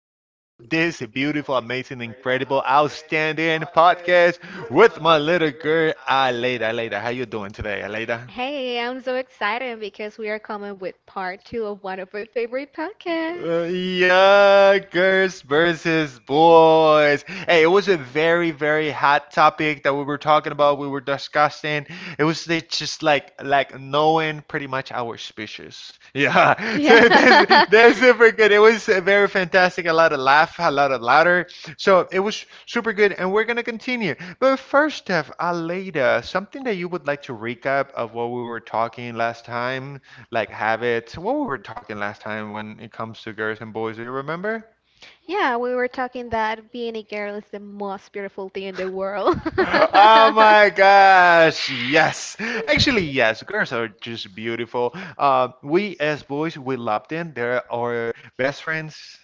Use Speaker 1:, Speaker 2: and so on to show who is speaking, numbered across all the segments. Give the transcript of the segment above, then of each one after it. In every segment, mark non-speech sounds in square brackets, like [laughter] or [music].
Speaker 1: this beautiful, amazing, incredible, outstanding podcast with my little girl, Aleida. Aleida, how you doing today, Aleida?
Speaker 2: Hey, I'm so excited because we are coming with part two of one of my favorite podcasts.
Speaker 1: Uh, Yuckers versus boys. Hey, it was a very, very hot topic that we were talking about. We were discussing. It was like just like knowing pretty much our species. Yeah. [laughs] So
Speaker 2: Yeah.
Speaker 1: that's
Speaker 2: [laughs]
Speaker 1: super good. It was very fantastic. A lot of laugh, a lot of laughter. So it was super good, and we're gonna continue. But first, Steph, Aleda, something that you would like to recap of what we were talking last time? Like habits, what we were talking last time when it comes to girls and boys. Do you remember?
Speaker 2: Yeah, we were talking that being a girl is the most beautiful thing in
Speaker 1: [laughs]
Speaker 2: the world.
Speaker 1: Oh my gosh, yes. Actually, yes, girls are just beautiful. We as boys, we love them. They're our best friends.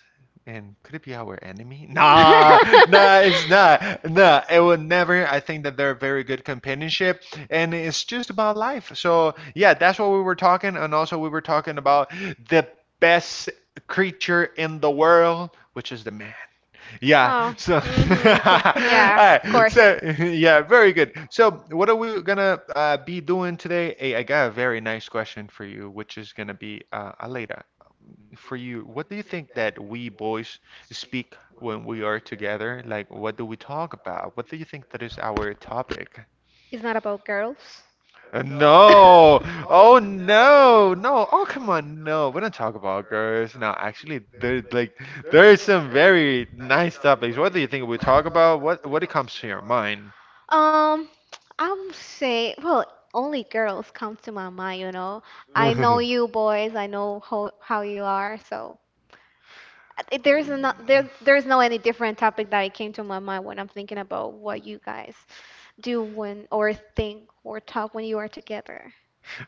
Speaker 1: And could it be our enemy? [laughs] Nah, nah, it's not.
Speaker 2: [laughs]
Speaker 1: Nah, it will
Speaker 2: [laughs]
Speaker 1: never. I think that they're very good companionship, and it's just about life. So yeah, that's what we were talking, and also we were talking about the best creature in the world, which is the man. Yeah.
Speaker 2: Oh,
Speaker 1: So, [laughs]
Speaker 2: [laughs]
Speaker 1: all
Speaker 2: mm-hmm. Yeah, of
Speaker 1: right.
Speaker 2: course. [laughs]
Speaker 1: So, [laughs] yeah, very good. So, what are we gonna be doing today? Hey, I got a very nice question for you, which is gonna be Aleda. For you, what do you think that we boys speak when we are together? Like, what do we talk about? What do you think that is our topic?
Speaker 2: It's not about girls. [laughs]
Speaker 1: No. Oh no. No. Oh come on. No. We don't talk about girls. No, actually there there is some very nice topics. What do you think we talk about? What it comes to your mind?
Speaker 2: Um, I would say, well, only girls come to my mind.
Speaker 1: [laughs]
Speaker 2: I know
Speaker 1: Mhm.
Speaker 2: you boys, I know how you are, so it- there's not there there's no any different topic that it came to my mind when I'm thinking about what you guys do when or think or talk when you are together.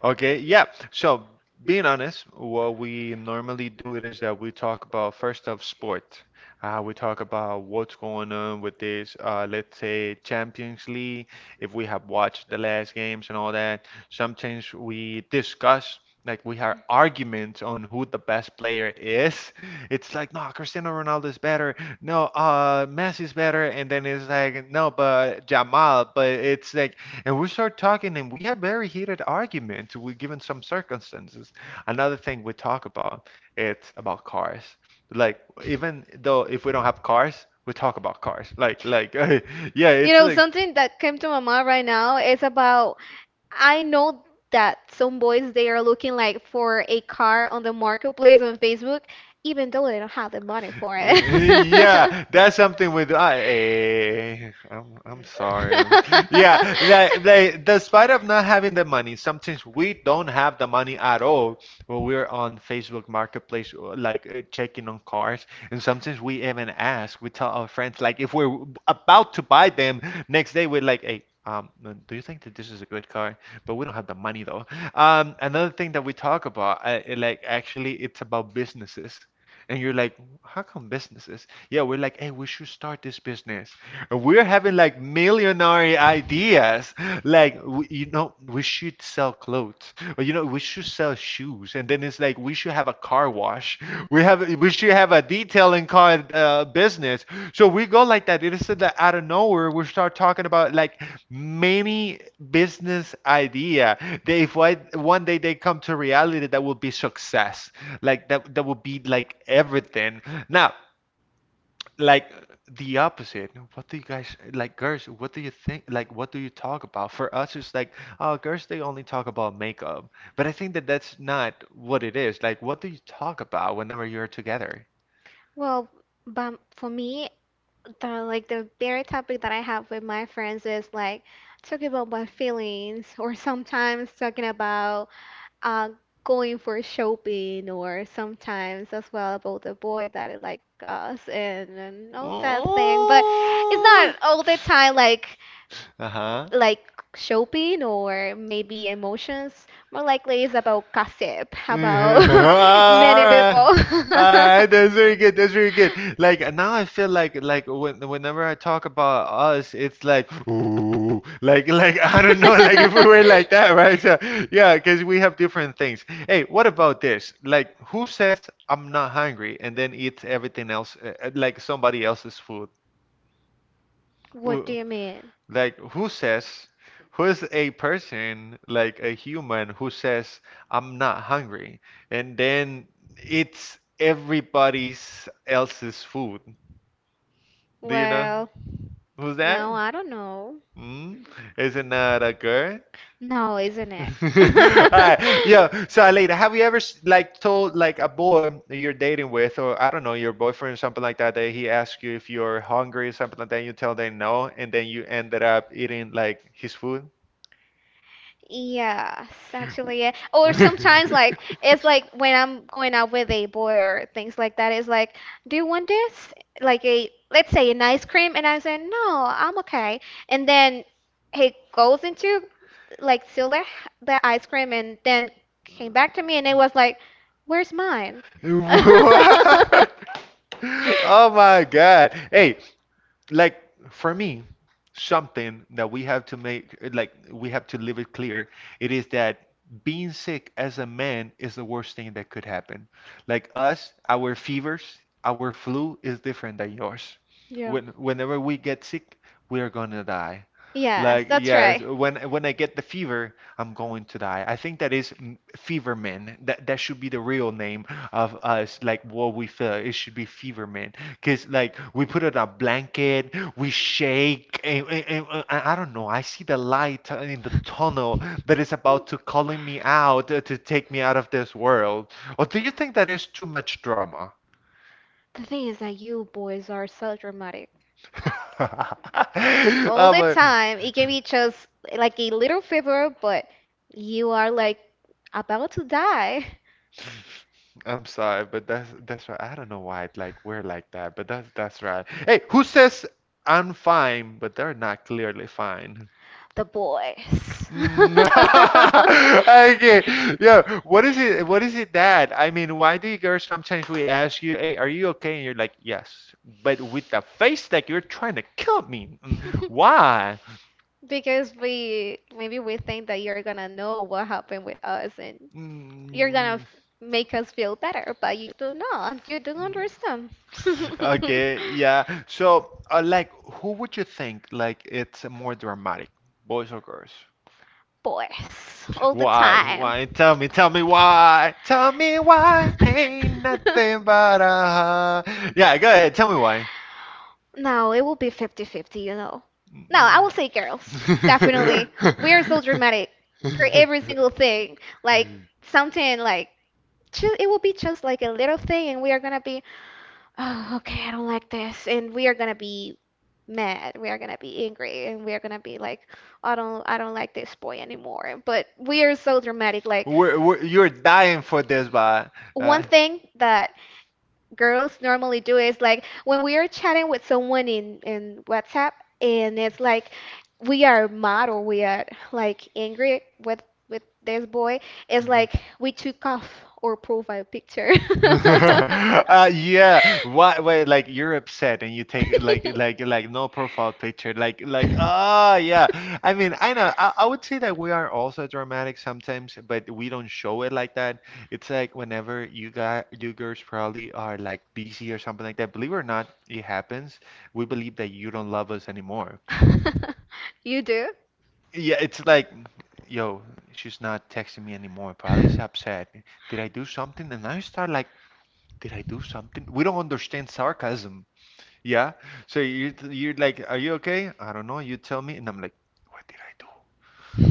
Speaker 1: Okay, yeah. So, being honest, what we normally do it is that we talk about first of sport. We talk about what's going on with this, let's say Champions League, if we have watched the last games and all that. Sometimes we discuss, like we have arguments on who the best player is. [laughs] It's like, no, Cristiano Ronaldo is better. No, Messi is better. And then it's like, no, but Jamal. But it's like and we start talking, and we have very heated arguments we given some circumstances. Another thing we talk about, it's about cars. Like even though if we don't have cars, we talk about cars. Like [laughs] yeah,
Speaker 2: You
Speaker 1: it's
Speaker 2: know,
Speaker 1: like
Speaker 2: something that came to my mind right now is about I know that some boys they are looking like for a car on the marketplace on Facebook, even though they don't have the money for
Speaker 1: [laughs]
Speaker 2: it. Yeah,
Speaker 1: yeah,
Speaker 2: [laughs]
Speaker 1: that's
Speaker 2: that's
Speaker 1: something
Speaker 2: something
Speaker 1: with
Speaker 2: with us.
Speaker 1: I.
Speaker 2: [laughs]
Speaker 1: eh, I'm
Speaker 2: Yeah,
Speaker 1: sorry. Yeah,
Speaker 2: like
Speaker 1: they,
Speaker 2: like,
Speaker 1: they, despite
Speaker 2: despite of
Speaker 1: of
Speaker 2: not
Speaker 1: not
Speaker 2: don't
Speaker 1: having
Speaker 2: having the
Speaker 1: the
Speaker 2: the money,
Speaker 1: money,
Speaker 2: money sometimes
Speaker 1: sometimes we
Speaker 2: we
Speaker 1: don't
Speaker 2: don't
Speaker 1: have
Speaker 2: have
Speaker 1: the
Speaker 2: the money
Speaker 1: money at
Speaker 2: at
Speaker 1: all.
Speaker 2: all.
Speaker 1: When we're on Facebook Marketplace, like checking on cars, and sometimes we even ask, we tell our friends, like if we're about to buy them next day, we're like, hey, do you think that this is a good car? But we don't have the money though. Another thing that we talk about, actually, it's about businesses. And you're like, how come businesses? Yeah, we're like, hey, we should start this business. We're having like millionaire ideas. Like, we, you know, we should sell clothes, or you know, we should sell shoes. And then it's like we should have a car wash. We should have a detailing car business. So we go like that. It is that out of nowhere we start talking about like many business idea. They if I, one day they come to reality, that will be success. Like that will be like everything. Now like the opposite. What do you guys like, girls? What do you think? Like, what do you talk about? For us, it's like, oh, girls, they only talk about makeup. But I think that that's not what it is. Like, what do you talk about whenever you're together?
Speaker 2: Well, but for me, the very topic that I have with my friends is like talking about my feelings, or [laughs] sometimes talking about uh going for shopping, or sometimes as well about the boy that I like us and all that thing. But it's
Speaker 1: Oh.
Speaker 2: not all the time like
Speaker 1: Uh-huh.
Speaker 2: like shopping or maybe emotions. More likely it's about gossip
Speaker 1: [laughs]
Speaker 2: about [laughs] many
Speaker 1: Alright,
Speaker 2: people.
Speaker 1: alright, that's very good. That's very good. Like now, I feel like when whenever I
Speaker 2: [laughs]
Speaker 1: talk about us, it's like ooh, like [laughs] I don't know, like if we
Speaker 2: [laughs]
Speaker 1: were like that, right? So, yeah, because we have different things. Hey, what about this? Like, who says I'm not hungry and then eats everything else, like somebody else's food? Wh-
Speaker 2: You mean?
Speaker 1: Like, who says, who is a person, like a human, who says, I'm not hungry, and then it's everybody's else's food? Do you know who's that?
Speaker 2: I don't know.
Speaker 1: Mm? Isn't that a girl?
Speaker 2: No, isn't
Speaker 1: [laughs] All
Speaker 2: it?
Speaker 1: right,
Speaker 2: [laughs]
Speaker 1: yo.
Speaker 2: [laughs]
Speaker 1: So, Aleida, have you ever like told like a boy that you're dating with, or I don't know, your boyfriend, or something like that, that he asks you if you're hungry, something like that, you tell them no, and then you ended up eating like his food?
Speaker 2: Yes, actually, yeah.
Speaker 1: [laughs]
Speaker 2: Or sometimes, like, it's like when I'm going out with a boy or things like that, it's like, do you want this? Like a, let's say an ice cream, and I say, no, I'm okay. And then he goes into, like, steal the ice cream and then came back to me and it was like, where's mine? [laughs]
Speaker 1: What? [laughs] Oh my God. Hey, like for me, something that we have to make like we have to leave it clear, it is that being sick as a man is the worst thing that could happen. Like us, our fevers, our flu is different than yours.
Speaker 2: Yeah.
Speaker 1: When whenever we get sick, we are gonna die.
Speaker 2: Yes,
Speaker 1: Like
Speaker 2: that's
Speaker 1: yes,
Speaker 2: right.
Speaker 1: when I get the fever, I'm going to die. I think that is Feverman. That should be the real name of us. Like what we feel, it should be Feverman. Cause like we put on a blanket, we shake, and I don't know. I see the light in the tunnel that is about to calling me out to take me out of this world. Or do you think that is too much drama?
Speaker 2: The thing is that you boys are so dramatic
Speaker 1: [laughs]
Speaker 2: all
Speaker 1: I'm
Speaker 2: the
Speaker 1: like,
Speaker 2: time. It can be just like a little fever, but you are like about to die.
Speaker 1: I'm sorry, but that's right. I don't know why it like we're like that, but that's right. Hey, who says I'm fine, but they're not clearly fine?
Speaker 2: The boys.
Speaker 1: Mm. [laughs]
Speaker 2: [laughs]
Speaker 1: Okay. Yeah. What is it? What is it that? I mean, why do you girls sometimes we ask you, "Hey, are you okay?" And you're like, "Yes," but with the face like you're trying to kill me. Mm, why?
Speaker 2: Because we maybe we think that you're gonna know what happened with us and you're gonna
Speaker 1: Mm,
Speaker 2: make us feel better, but you do not. You don't
Speaker 1: mm.
Speaker 2: understand. [laughs]
Speaker 1: Okay, yeah. So, like, who would you think like it's more dramatic, boys or girls?
Speaker 2: Boys all the
Speaker 1: Why?
Speaker 2: time.
Speaker 1: Why? Tell
Speaker 2: [laughs]
Speaker 1: me why. Tell me why ain't nothing but a Yeah, go ahead. Tell me why.
Speaker 2: No, it will be fifty-fifty. No, I will say girls. Definitely. [laughs] We are so
Speaker 1: [laughs]
Speaker 2: dramatic per every single thing. Like something like ju it will be just like a little thing and we are gonna be, oh, okay, I don't like this. And we are gonna be mad. We are gonna be angry and we are gonna be like, I don't like this boy anymore. But we are so dramatic like
Speaker 1: You're dying for this, but
Speaker 2: one
Speaker 1: uh,
Speaker 2: thing that girls normally do is like when we are chatting with someone in WhatsApp and it's like we are mad or we are like angry with this boy, it's like we took off our profile picture. [laughs]
Speaker 1: [laughs] yeah. Why? Wait. Like you're upset, and you take like like no profile picture. Like ah yeah. I mean, I know. I would say that we are also dramatic sometimes, but we don't show it like that. It's like whenever you guys, you girls probably are like busy or something like that. Believe it or not, it happens. We believe that you don't love us anymore.
Speaker 2: You do?
Speaker 1: Yeah. It's like, yo, she's not texting me anymore. Probably is upset. Did I do something? And I start like did I do something? We don't understand sarcasm. Yeah. So you're like, are you okay? I don't know. You tell me, and I'm like, what did I do?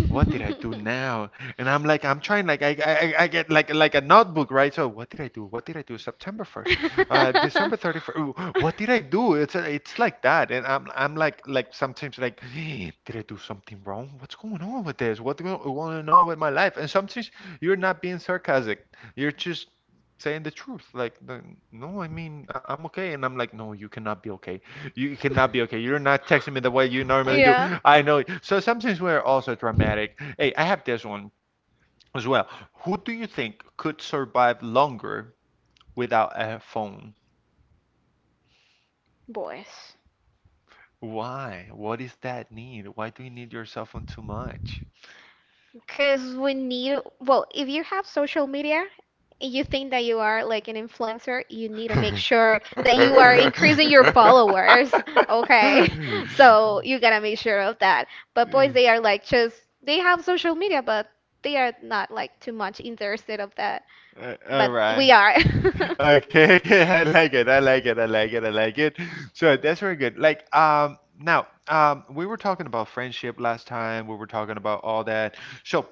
Speaker 1: What did I do now? And I'm like, I'm trying, like, I get like a notebook, right? So what did I do? What did I do? September 1st, December 31st.
Speaker 2: [laughs]
Speaker 1: Ooh, what did I do? It's like that. And I'm like sometimes like, "Hey, did I do something wrong? What's going on with this? What's going on with my life?" And sometimes you're not being sarcastic. You're just saying the truth. Like, the, no, I mean, I, I'm okay. And I'm like, no, you cannot be okay. You cannot be okay. You're not texting me the way you normally do. I know. So sometimes we're also dramatic. Hey, I have this one as well. Who do you think could survive longer without a phone?
Speaker 2: Boys.
Speaker 1: Why? What is that need? Why do you need your cell phone too much?
Speaker 2: Because we need. Well, if you have social media and you think that you are like an influencer, you need to make sure that you are increasing your followers.
Speaker 1: [laughs]
Speaker 2: Okay. [laughs] So
Speaker 1: [laughs]
Speaker 2: you gotta make sure of that. But boys, they are like just, they have social media, but they are not like too much interested of that.
Speaker 1: All
Speaker 2: But
Speaker 1: right.
Speaker 2: we are. [laughs]
Speaker 1: Okay, [laughs] okay, I like it. I like it. I like it. I like it. So that's very good. Like, now, we were talking about friendship last time. We were talking about all that. So,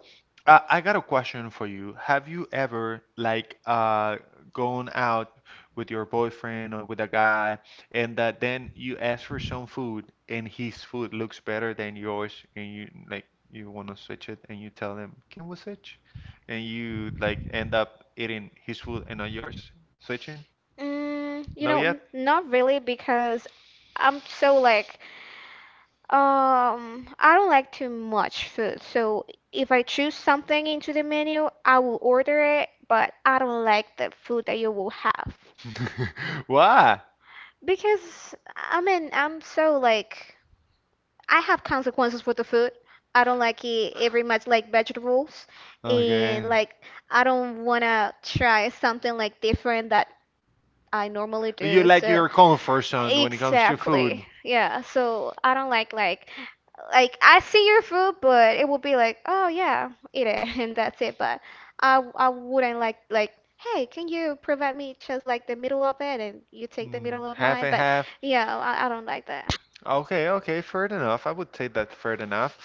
Speaker 1: I got a question for you. Have you ever like gone out with your boyfriend or with a guy, and then you ask for some food, and his food looks better than yours, and you like you want to switch it, and you tell him, "Can we switch?" and you like end up eating his food and not yours? Switching? No yet?
Speaker 2: Not really because I'm so like, I don't like too much food. So if I choose something into the menu, I will order it, but I don't like the food that you will have.
Speaker 1: [laughs] Why?
Speaker 2: Because, I mean, I'm so like, I have consequences for the food. I don't like it very much like vegetables,
Speaker 1: Okay.
Speaker 2: and like I don't wanna try something like different that I normally
Speaker 1: You
Speaker 2: do.
Speaker 1: like
Speaker 2: So
Speaker 1: your comfort zone when it comes to
Speaker 2: exactly,
Speaker 1: food.
Speaker 2: yeah. So I don't like like I see your food, but it will be like, oh yeah, eat it, [laughs] and that's it. But I wouldn't like. Hey, can you provide me just like the middle of it and you take the
Speaker 1: Mm,
Speaker 2: middle of
Speaker 1: half
Speaker 2: mine?
Speaker 1: and
Speaker 2: But
Speaker 1: half.
Speaker 2: yeah, I don't like that.
Speaker 1: Okay, okay, fair enough. I would say that fair enough.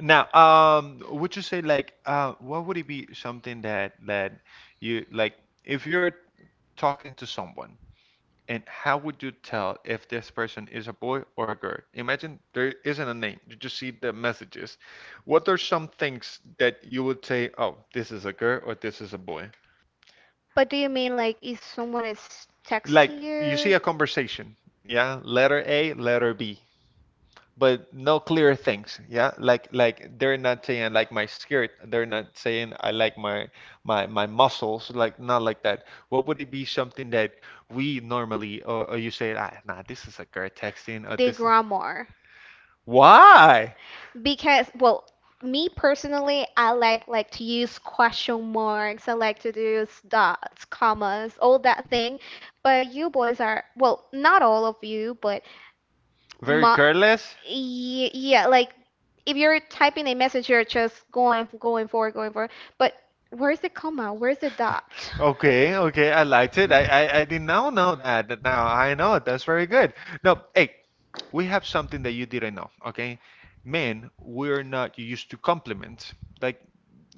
Speaker 1: Now, would you say like, what would it be something that that you like if you're talking to someone and how would you tell if this person is a boy or a girl? Imagine there isn't a name, you just see the messages. What are some things that you would say, oh, this is a girl or this is a boy?
Speaker 2: But do you mean like if someone is
Speaker 1: Like
Speaker 2: texting
Speaker 1: you
Speaker 2: you?
Speaker 1: see a conversation, yeah, letter A, letter B, but no clear things, yeah? Like they're not saying I like my skirt, they're not saying I like my muscles, like not like that. What would it be something that we normally or you say, ah, nah, this is a girl texting or
Speaker 2: The
Speaker 1: this is—
Speaker 2: grammar.
Speaker 1: Why?
Speaker 2: Because, well, me personally, I like to use question marks. I like to use dots, commas, all that thing. But you boys are, well, not all of you, but
Speaker 1: Very
Speaker 2: my,
Speaker 1: careless?
Speaker 2: yeah, yeah, like if you're typing a message, you're just going forward, going forward. But where's the comma? Where's the
Speaker 1: [laughs]
Speaker 2: dot?
Speaker 1: Okay, okay, I liked it. I
Speaker 2: [laughs]
Speaker 1: did not know that. Now I know it. That's very good. No, hey, we have something that you didn't know, okay? Men, we're not used to compliments. Like,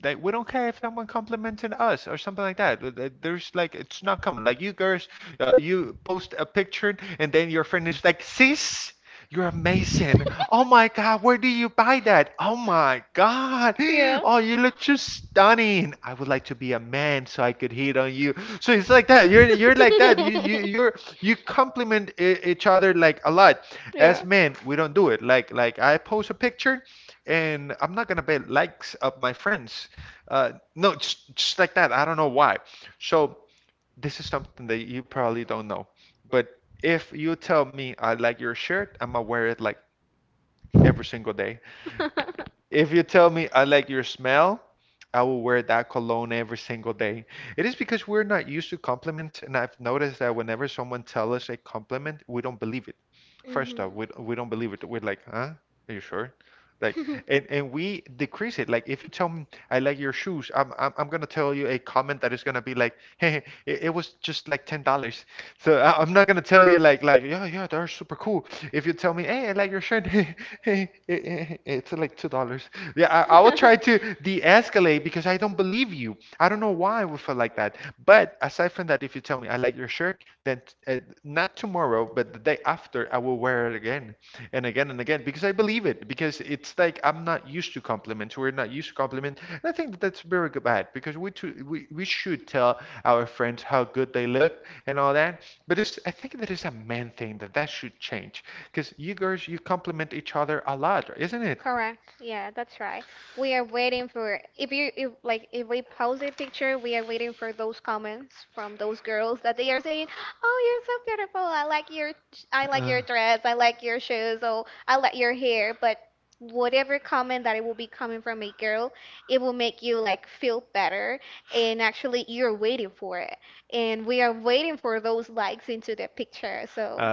Speaker 1: like we don't care if someone complimented us or something like that. There's like it's not common. Like you girls, you post a picture and then your friend is like, "Sis, you're amazing. Oh my God, where do you buy that? Oh my God,
Speaker 2: Yeah.
Speaker 1: oh you look just stunning. I would like to be a man so I could hit on you." So it's like that. You're like that. You you you're
Speaker 2: [laughs]
Speaker 1: you compliment each other like a lot.
Speaker 2: Yeah.
Speaker 1: As men, we don't do it, like I post a picture and I'm not gonna bet likes of my friends, no, just like that, I don't know why. So this is something that you probably don't know, but if you tell me I like your shirt, I'm gonna wear it like every single day.
Speaker 2: [laughs]
Speaker 1: If you tell me I like your smell, I will wear that cologne every single day. It is because we're not used to compliments, and I've noticed that whenever someone tells us a compliment, we don't believe it. First off, we don't believe it. We're like, huh? Are you sure? Like, and we decrease it. Like, if you tell me I like your shoes, I'm gonna tell you a comment that is gonna be like, hey, it was just like $10. So I'm not gonna tell you like yeah, yeah, they're super cool. If you tell me hey I like your shirt, [laughs] hey, eh, eh, it's like $2. Yeah, I will try to de-escalate because I don't believe you. I don't know why I would feel like that. But aside from that, if you tell me I like your shirt, then uh, not tomorrow but the day after I will wear it again and again and again, because I believe it, because it's like I'm not used to compliments. We're not used to compliment. And I think that that's very good bad, because we too, we should tell our friends how good they look and all that, but it's— I think that is a main thing that should change, because you girls, you
Speaker 2: [laughs]
Speaker 1: complement each other a lot, isn't it?
Speaker 2: Correct. Yeah, that's right. We are waiting for if you if like if we post a picture, we are waiting for those comments from those girls that they are saying, "Oh, you're so beautiful. I like your I like
Speaker 1: Uh,
Speaker 2: your dress. I like your shoes. Oh, I like your hair." But whatever comment that it will be coming from a girl, it will make you like feel better and actually you're waiting for it. And we are waiting for those likes into the picture. So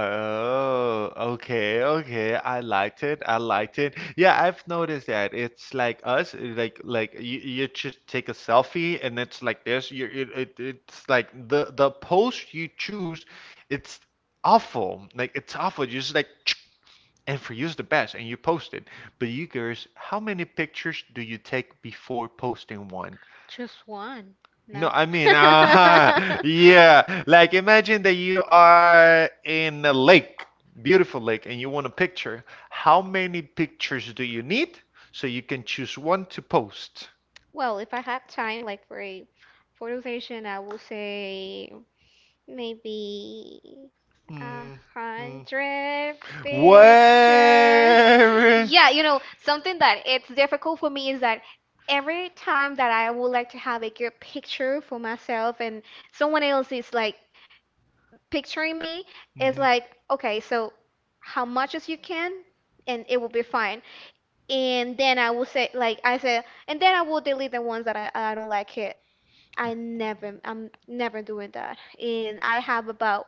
Speaker 1: Oh, okay, okay. I liked it. I liked it. Yeah, I've noticed that. It's like us, like you just take a selfie and it's like this. You It's like the post you choose, it's awful. Like it's awful. You just like [tsk] and for you's the best and you post it. But you guys, how many pictures do you take before posting one?
Speaker 2: just one?
Speaker 1: No,
Speaker 2: No?
Speaker 1: I mean, [laughs] uh-huh. Yeah.
Speaker 2: [laughs] [laughs]
Speaker 1: Like imagine that you are in a lake, beautiful lake, and you want a picture. How many pictures do you need so you can choose one to post?
Speaker 2: Well, if I have time, like for a photo session, I will say maybe a
Speaker 1: Hmm, hmm.
Speaker 2: hundred pictures.
Speaker 1: Where?
Speaker 2: Yeah, something that it's difficult for me is that every time that I would like to have a good picture for myself and someone else is like picturing me is like, okay, so how much as you can, and it will be fine. And then I will say, like I said, and then I will delete the ones that I don't like it. I'm never doing that. And I have about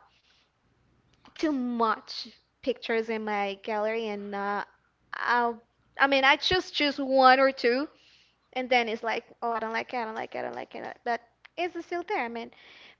Speaker 2: too much pictures in my gallery, and I'll, I mean, I just choose one or two, and then it's like, oh, I don't like it, I don't like it, I don't like it, but it's still there. I mean,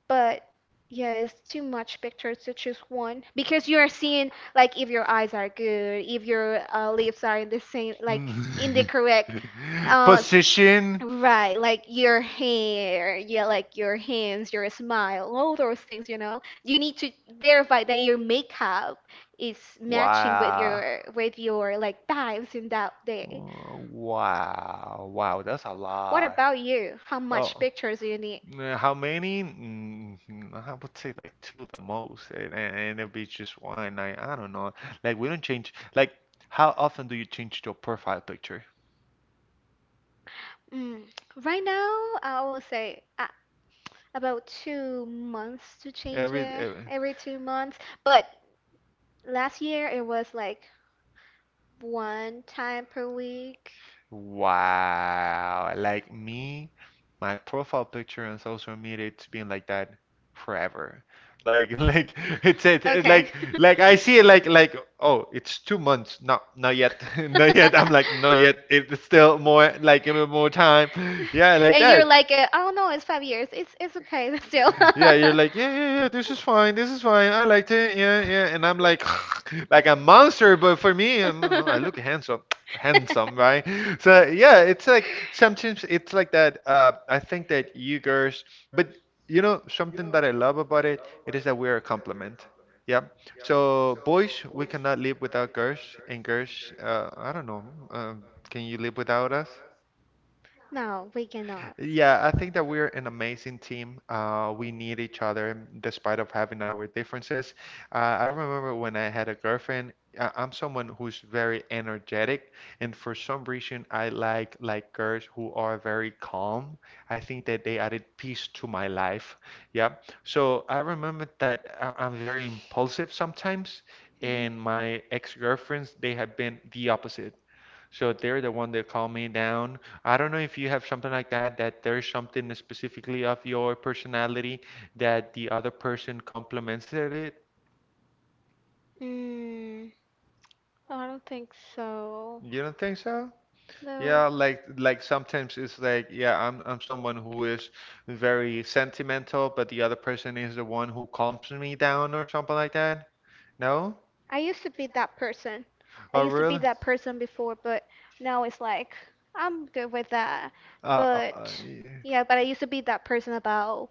Speaker 2: but yeah, it's too much pictures to choose one because you are seeing like if your eyes are good, if your lips are in the same, like in the
Speaker 1: Mhm.
Speaker 2: correct
Speaker 1: [laughs]
Speaker 2: uh
Speaker 1: Position.
Speaker 2: Right, like your hair, yeah, like your hands, your smile, all those things, you know. You need to verify that your makeup is matching with
Speaker 1: Wow.
Speaker 2: your with your like vibes in that day.
Speaker 1: Wow. Wow, that's a what
Speaker 2: What
Speaker 1: lot.
Speaker 2: about you? How much
Speaker 1: Oh.
Speaker 2: pictures do you need?
Speaker 1: Need? How many? I would say like two the most, and, and it'll be just one. I don't know. Like we don't change. Like how often do you change your profile picture?
Speaker 2: Mm. Right now, I will say about 2 months to change it
Speaker 1: Every
Speaker 2: every 2 months. But last year it was like one time per week.
Speaker 1: Wow. Like me, my profile picture on social media, it's been like that forever. Like, [laughs] like
Speaker 2: [laughs]
Speaker 1: it's it,
Speaker 2: Okay.
Speaker 1: like
Speaker 2: [laughs]
Speaker 1: like I see it, like, oh, it's 2 months. Not yet. [laughs] Not yet. I'm like not yet, it's still more, like give me more time. [laughs] Yeah, like
Speaker 2: And you're
Speaker 1: that.
Speaker 2: like, oh no, it's 5 years. It's okay [laughs] still.
Speaker 1: Yeah, you're like, yeah, yeah, yeah, this is fine, I liked it, yeah, yeah. And I'm like, [laughs] like a monster, but for me, I look handsome, [tsk] handsome, right? So yeah, it's like sometimes it's like that. I think that you girls, but you know, something that I love about it, it is that we are a compliment. Yeah. So boys, we cannot live without girls, and girls, I don't know, can you live without us?
Speaker 2: [laughs] No, we cannot.
Speaker 1: Yeah, I think that we're an amazing team. We need each other, despite of having our differences. I remember when I had a girlfriend, I'm someone who's very energetic, and for some reason I like girls who are very calm. I think that they added peace to my life. Yeah. So I remember that I'm very impulsive sometimes, and
Speaker 2: Mhm.
Speaker 1: my ex-girlfriends, they have been the opposite. So they're the one that calm me down. I don't know if you have something like that, that there's something specifically of your personality that the other person compliments it.
Speaker 2: Mm, I don't think so.
Speaker 1: You don't think so?
Speaker 2: No.
Speaker 1: Yeah, like sometimes it's like, yeah, I'm someone who is very sentimental, but the other person is the one who calms me down or something like that. No?
Speaker 2: I used to be that person. I
Speaker 1: Oh,
Speaker 2: used to be
Speaker 1: really?
Speaker 2: that person before, but now it's like I'm good with that.
Speaker 1: Uh, uh, uh,
Speaker 2: But
Speaker 1: yeah.
Speaker 2: yeah, but I used to be that person about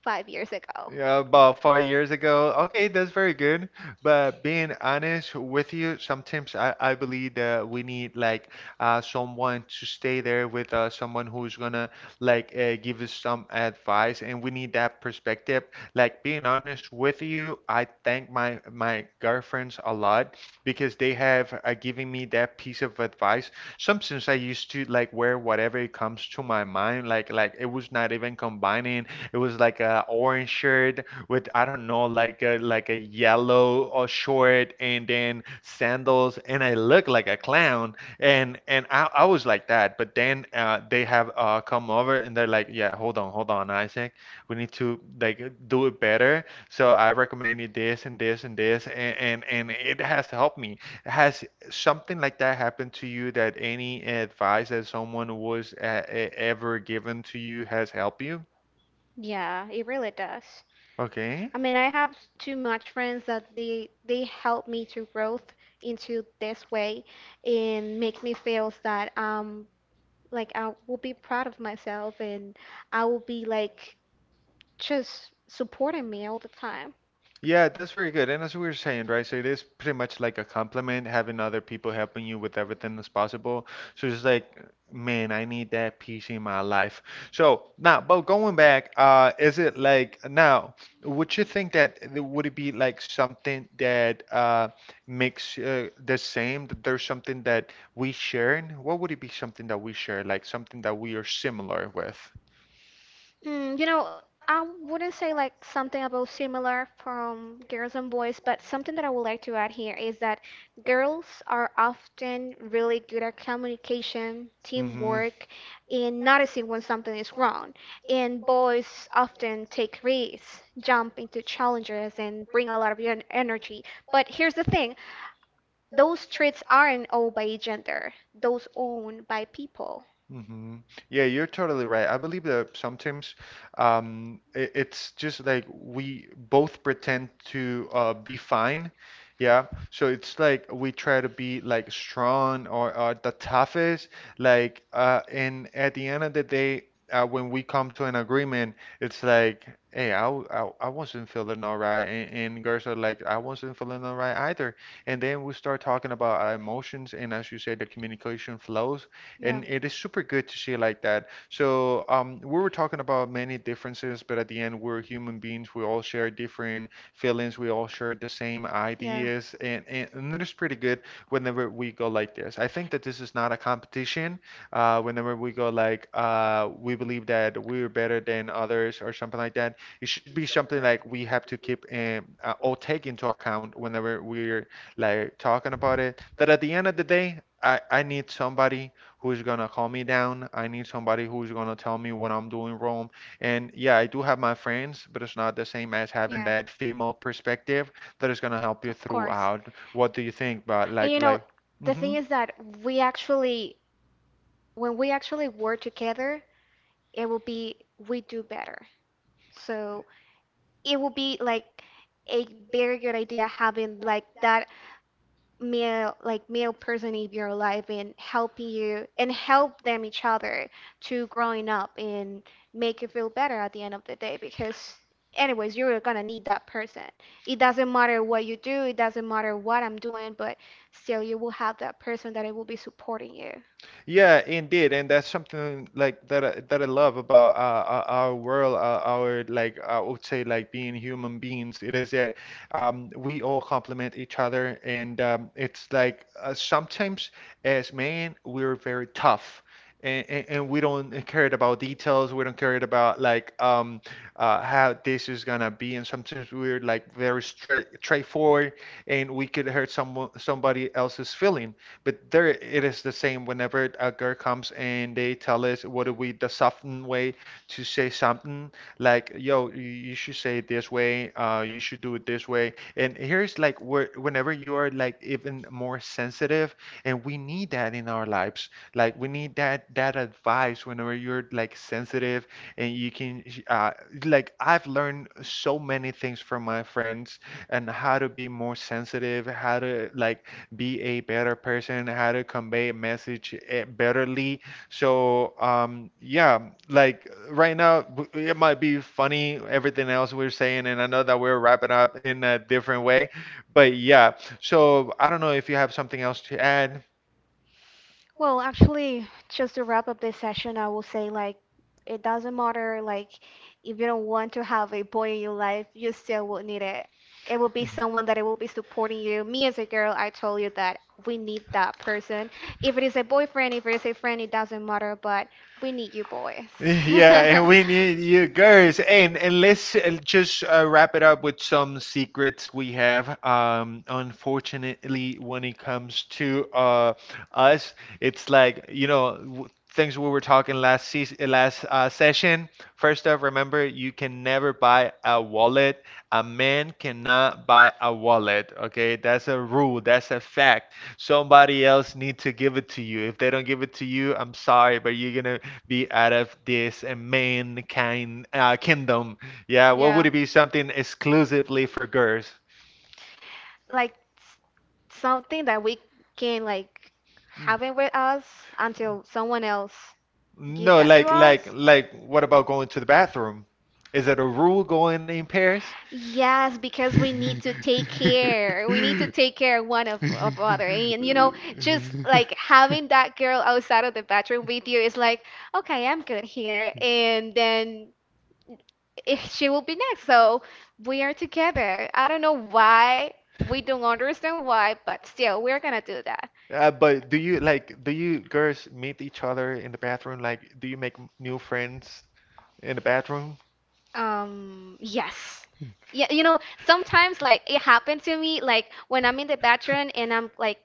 Speaker 2: 5 years ago.
Speaker 1: Yeah, about 4 years ago. Okay, that's very good. But being honest with you, sometimes I believe that we need like someone to stay there with someone who's gonna like give us some advice, and we need that perspective. Like being honest with you, I thank my girlfriends a lot because they have given me that piece of advice. Sometimes I used to like wear whatever it comes to my mind, like it was not even combining. It was like a orange shirt with I don't know like a yellow short and then sandals, and I looked like a clown, and I was like that. But then they have come over and they're like, yeah, hold on, hold on, Isaac, we need to like do it better, so I recommend you this and this and this, and it has helped me. Has something like that happened to you, that any advice that someone was ever given to you has helped you,
Speaker 2: Yeah, it really does.
Speaker 1: okay.
Speaker 2: I mean, I have too much friends that they help me to growth into this way and make me feel that I'm like I will be proud of myself and I will be like just supporting me all the time.
Speaker 1: Yeah, that's very good. And as we were saying, right, so it is pretty much like a compliment having other people helping you with everything that's possible. So it's like, man, I need that peace in my life. So now, but going back, is it like now, would you think that would it be like something that makes the same, that there's something that we share? In? What would it be something that we share, like something that we are similar with?
Speaker 2: Mm, you know, I wouldn't say like something about similar from girls and boys, but something that I would like to add here is that girls are often really good at communication,
Speaker 1: Hmm,
Speaker 2: teamwork, and noticing when something is wrong. And boys often take risks, jump into challenges, and bring a lot of energy. But here's the thing. Those streets aren't owned by gender, those owned by people.
Speaker 1: hmm. Yeah, you're totally right. I believe that sometimes it's just like we both pretend to be fine. Yeah. So it's like we try to be like strong or the toughest. Like, and at the end of the day, when we come to an agreement, it's like, hey, I wasn't feeling all right. And girls are like, I wasn't feeling all right either. And then we start talking about our emotions. And as you said, the communication flows and
Speaker 2: Yeah.
Speaker 1: it
Speaker 2: Yeah.
Speaker 1: is super good to see like that. So we were talking about many differences, but at the end, we're human beings. We all share different feelings. We all share the same ideas, and it is pretty good whenever we go like this. I think that this is not a competition. Whenever we go like we believe that we're better than others or something like that, it should be something like we have to keep or take into account whenever we're like talking about it. That at the end of the day. I need somebody who's gonna calm me down. I need somebody who's gonna tell me what I'm doing wrong. And yeah, I do have my friends, but it's not the same as having that female perspective that is gonna help you throughout. What do you think? But
Speaker 2: And you know, the
Speaker 1: hmm.
Speaker 2: thing is that we actually, when we actually work together, it will be, we do better. So it would be like a very good idea having like that male person in your life and helping you and help them each other to growing up and make you feel better at the end of the day, because anyways you're gonna need that person. It doesn't matter what you do, it doesn't matter what I'm doing, but still you will have that person that it will be supporting you.
Speaker 1: Yeah, indeed, and that's something like that that I love about our world, our like I would say like being human beings. It is that we all complement each other, and it's like sometimes as men we're very tough. And we don't care about details. We don't care about like how this is gonna be. And sometimes we're like very straightforward, and we could hurt someone somebody else's feeling. But there it is the same whenever a girl comes and they tell us what do we the softened way to say something like yo you should say it this way, uh, you should do it this way. And here's like where whenever you are like even more sensitive, and we need that in our lives, like we need that advice whenever you're like sensitive. And you can uh, like I've learned so many things from my friends and how to be more sensitive, how to like be a better person, how to convey a message, eh, betterly. So, yeah, like right now, it might be funny, everything else we're saying, and I know that we're wrapping up in a different way, but yeah. So, I don't know if you have something else to add.
Speaker 2: Well, actually, just to wrap up this session, I will say like it doesn't matter like if you don't want to have a boy in your life, you still will need it. It will be someone that it will be supporting you. Me as a girl, I told you that we need that person. If it is a boyfriend, if it is a friend, it doesn't matter, but we need you boys.
Speaker 1: Yeah, and we need
Speaker 2: [laughs]
Speaker 1: you girls. And let's just wrap it up with some secrets we have. Unfortunately, when it comes to us, it's like you know things we were talking last seas last session. First off, remember you can never buy a wallet. A man cannot buy a wallet. Okay, that's a rule. That's a fact. Somebody else need to give it to you. If they don't give it to you, I'm sorry, but you're gonna be out of this main kind kingdom? Yeah, what would
Speaker 2: Yeah.
Speaker 1: it be? Something exclusively for girls?
Speaker 2: Like something that we can like
Speaker 1: Mm.
Speaker 2: have it with us until someone else give
Speaker 1: No,
Speaker 2: that to
Speaker 1: like like
Speaker 2: us.
Speaker 1: like what about going to the bathroom? Is it a rule going in pairs? [laughs] [laughs]
Speaker 2: Yes, because we need to take care. We need to take care one of other. And you know, just like having that girl outside of the bathroom with you is like, okay, I'm good here. And then if she will be next. So we are together. I don't know why. We don't understand why, but still, we're gonna do that.
Speaker 1: But do you like do you girls meet each other in the bathroom? Like, do you make new friends in the bathroom?
Speaker 2: Yes. Yeah, sometimes like it happened to me, like when I'm in the bathroom and I'm like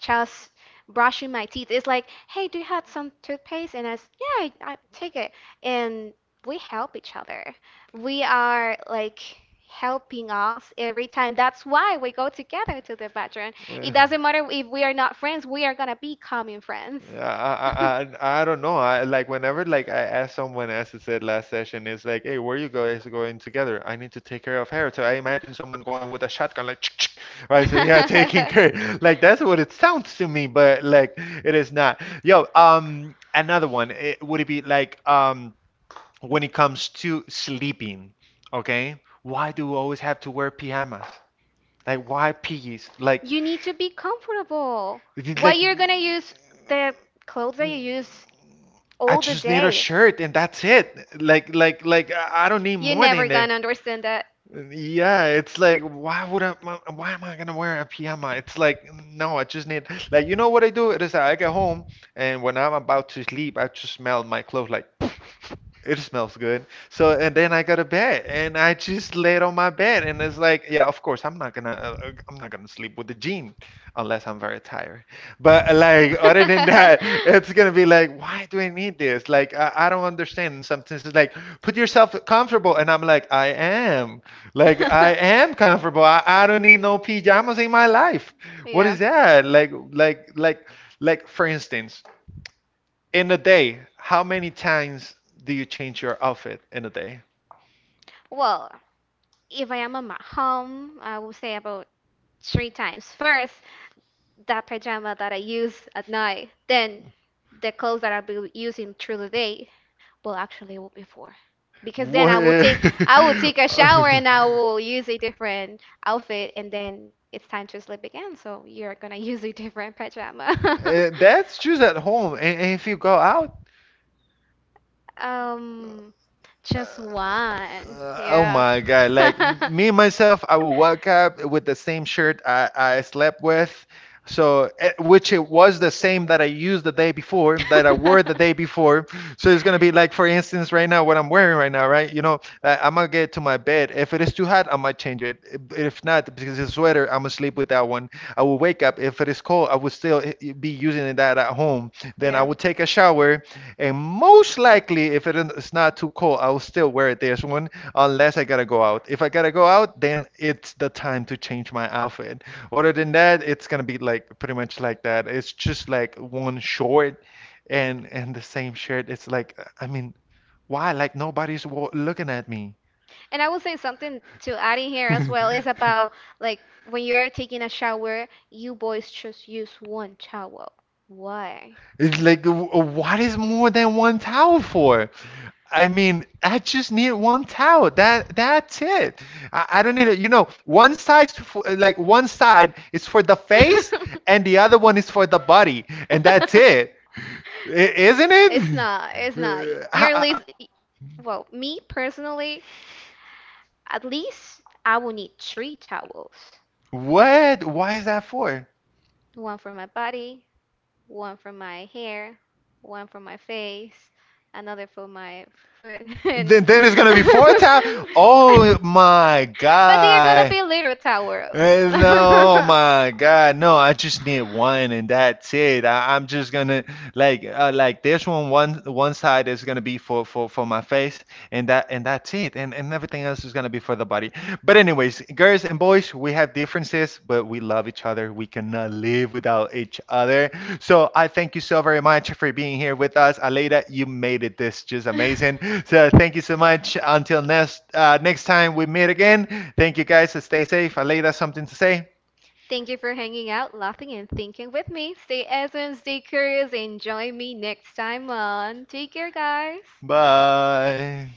Speaker 2: just brushing my teeth. It's like, hey, do you have some toothpaste? And yeah, I take it. And we help each other. We are like helping us every time. That's why we go together to the bathroom. It
Speaker 1: Uh,
Speaker 2: doesn't matter if we are not friends, we are gonna be common friends. [laughs]
Speaker 1: I, I I don't know. I like whenever like I asked someone, as I said last session, it's like, hey, where you guys going together? I need to take care of her. So I imagine someone going with a shotgun, like, [tsk] right? So yeah, [laughs] taking care. Like that's what it sounds to me, but like it is not. Yo, another one. Would it be like um, when it comes to sleeping, okay? Why do we always have to wear pajamas? Like, why PJs? Like,
Speaker 2: You need to be comfortable.
Speaker 1: it's
Speaker 2: Why
Speaker 1: like,
Speaker 2: you're gonna use the clothes that you use
Speaker 1: I
Speaker 2: all the
Speaker 1: just need a
Speaker 2: day.
Speaker 1: shirt and that's it. Like, I don't need
Speaker 2: You're
Speaker 1: more than
Speaker 2: never
Speaker 1: that.
Speaker 2: gonna understand that.
Speaker 1: Yeah, it's like, why would why am I gonna wear a pajama? It's like, no, I just need, like, you know what I do? It is I get home and when I'm about to sleep, I just smell my clothes like [laughs] it smells good. So and then I go to bed and I just laid on my bed and it's like, yeah, of course I'm not gonna sleep with the jean unless I'm very tired. But like other than that, [laughs] it's
Speaker 2: [laughs]
Speaker 1: gonna be like, why do I need this? Like I don't understand. And sometimes it's like, put yourself comfortable, and I'm like, I am. Like I am comfortable. I don't need no pajamas in my life. What
Speaker 2: Yeah.
Speaker 1: is that? Like for instance in a day, how many times do you change your outfit in a day?
Speaker 2: Well, if I am at my home, I will say about three times. First, that pajama that I use at night, then the clothes that I'll be using through the day. Well, actually, it will be four. Because then
Speaker 1: What?
Speaker 2: I will take
Speaker 1: [laughs]
Speaker 2: I will take a shower and I will use a different outfit and then it's time to sleep again. So you're gonna [laughs] use a different pajama. [laughs]
Speaker 1: That's just at home. And if you go out,
Speaker 2: Um, just one.
Speaker 1: Oh
Speaker 2: Yeah. [laughs]
Speaker 1: my God. Like
Speaker 2: [laughs]
Speaker 1: me, myself, I will wake up with the same shirt I slept with. So, eh, which it was the same that I used the day before, that I wore the day before. So it's gonna be like, for instance, right now, what I'm wearing right now, right? You know, like, I'm gonna get to my bed. If it is too hot, I might change it. If not, because it's a sweater, I'm gonna sleep with that one. I will wake up. If it is cold, I would still, eh, be using that at home. Then I
Speaker 2: Yeah.
Speaker 1: would take a shower and most likely, if it is not too cold, I will still wear this one unless I gotta go out. If I gotta go out, then it's the time to change my outfit. Other than that, it's gonna be like pretty much like that. It's just like one short and the same shirt. It's like, I mean, why? Like nobody's looking at me.
Speaker 2: And I will say something to add in here as well is about like when you are taking a shower, you boys just use one towel.
Speaker 1: [laughs]
Speaker 2: Why?
Speaker 1: It's like, what is more than one towel for? I mean, I just need one towel. That's it. I don't need it. You know, one size for, like one side is for the face, and the other one is for the body, and that's it, isn't
Speaker 2: It's
Speaker 1: it? [laughs]
Speaker 2: not. It's not.
Speaker 1: Uh,
Speaker 2: You're at
Speaker 1: ha-
Speaker 2: least,
Speaker 1: ha-
Speaker 2: well, me personally, at least I will need three towels.
Speaker 1: what? Why is that for?
Speaker 2: One for my body, one for my hair, one for my face, another for my foot. [laughs]
Speaker 1: Then it's gonna be four times. Oh
Speaker 2: And [laughs]
Speaker 1: my
Speaker 2: but they're gonna
Speaker 1: God.
Speaker 2: be little tower.
Speaker 1: Eh, no, oh
Speaker 2: [laughs]
Speaker 1: my God, no! I just need one, and that's it. I'm just gonna like this one, side is gonna be for my face, and that's it. And everything else is gonna be for the body. But anyways, girls and boys, we have differences, but we love each other. We cannot live without each other. So I thank you so very much for being here with us, Aleida. You made it this just amazing. So thank you so much. Until next next time we meet again. Thank you guys. Stay safe. Aleida, something to say?
Speaker 2: Thank you for [laughs] hanging out, laughing, and thinking with me. Stay awesome, stay curious, and join me next time on. Take care, guys.
Speaker 1: Bye.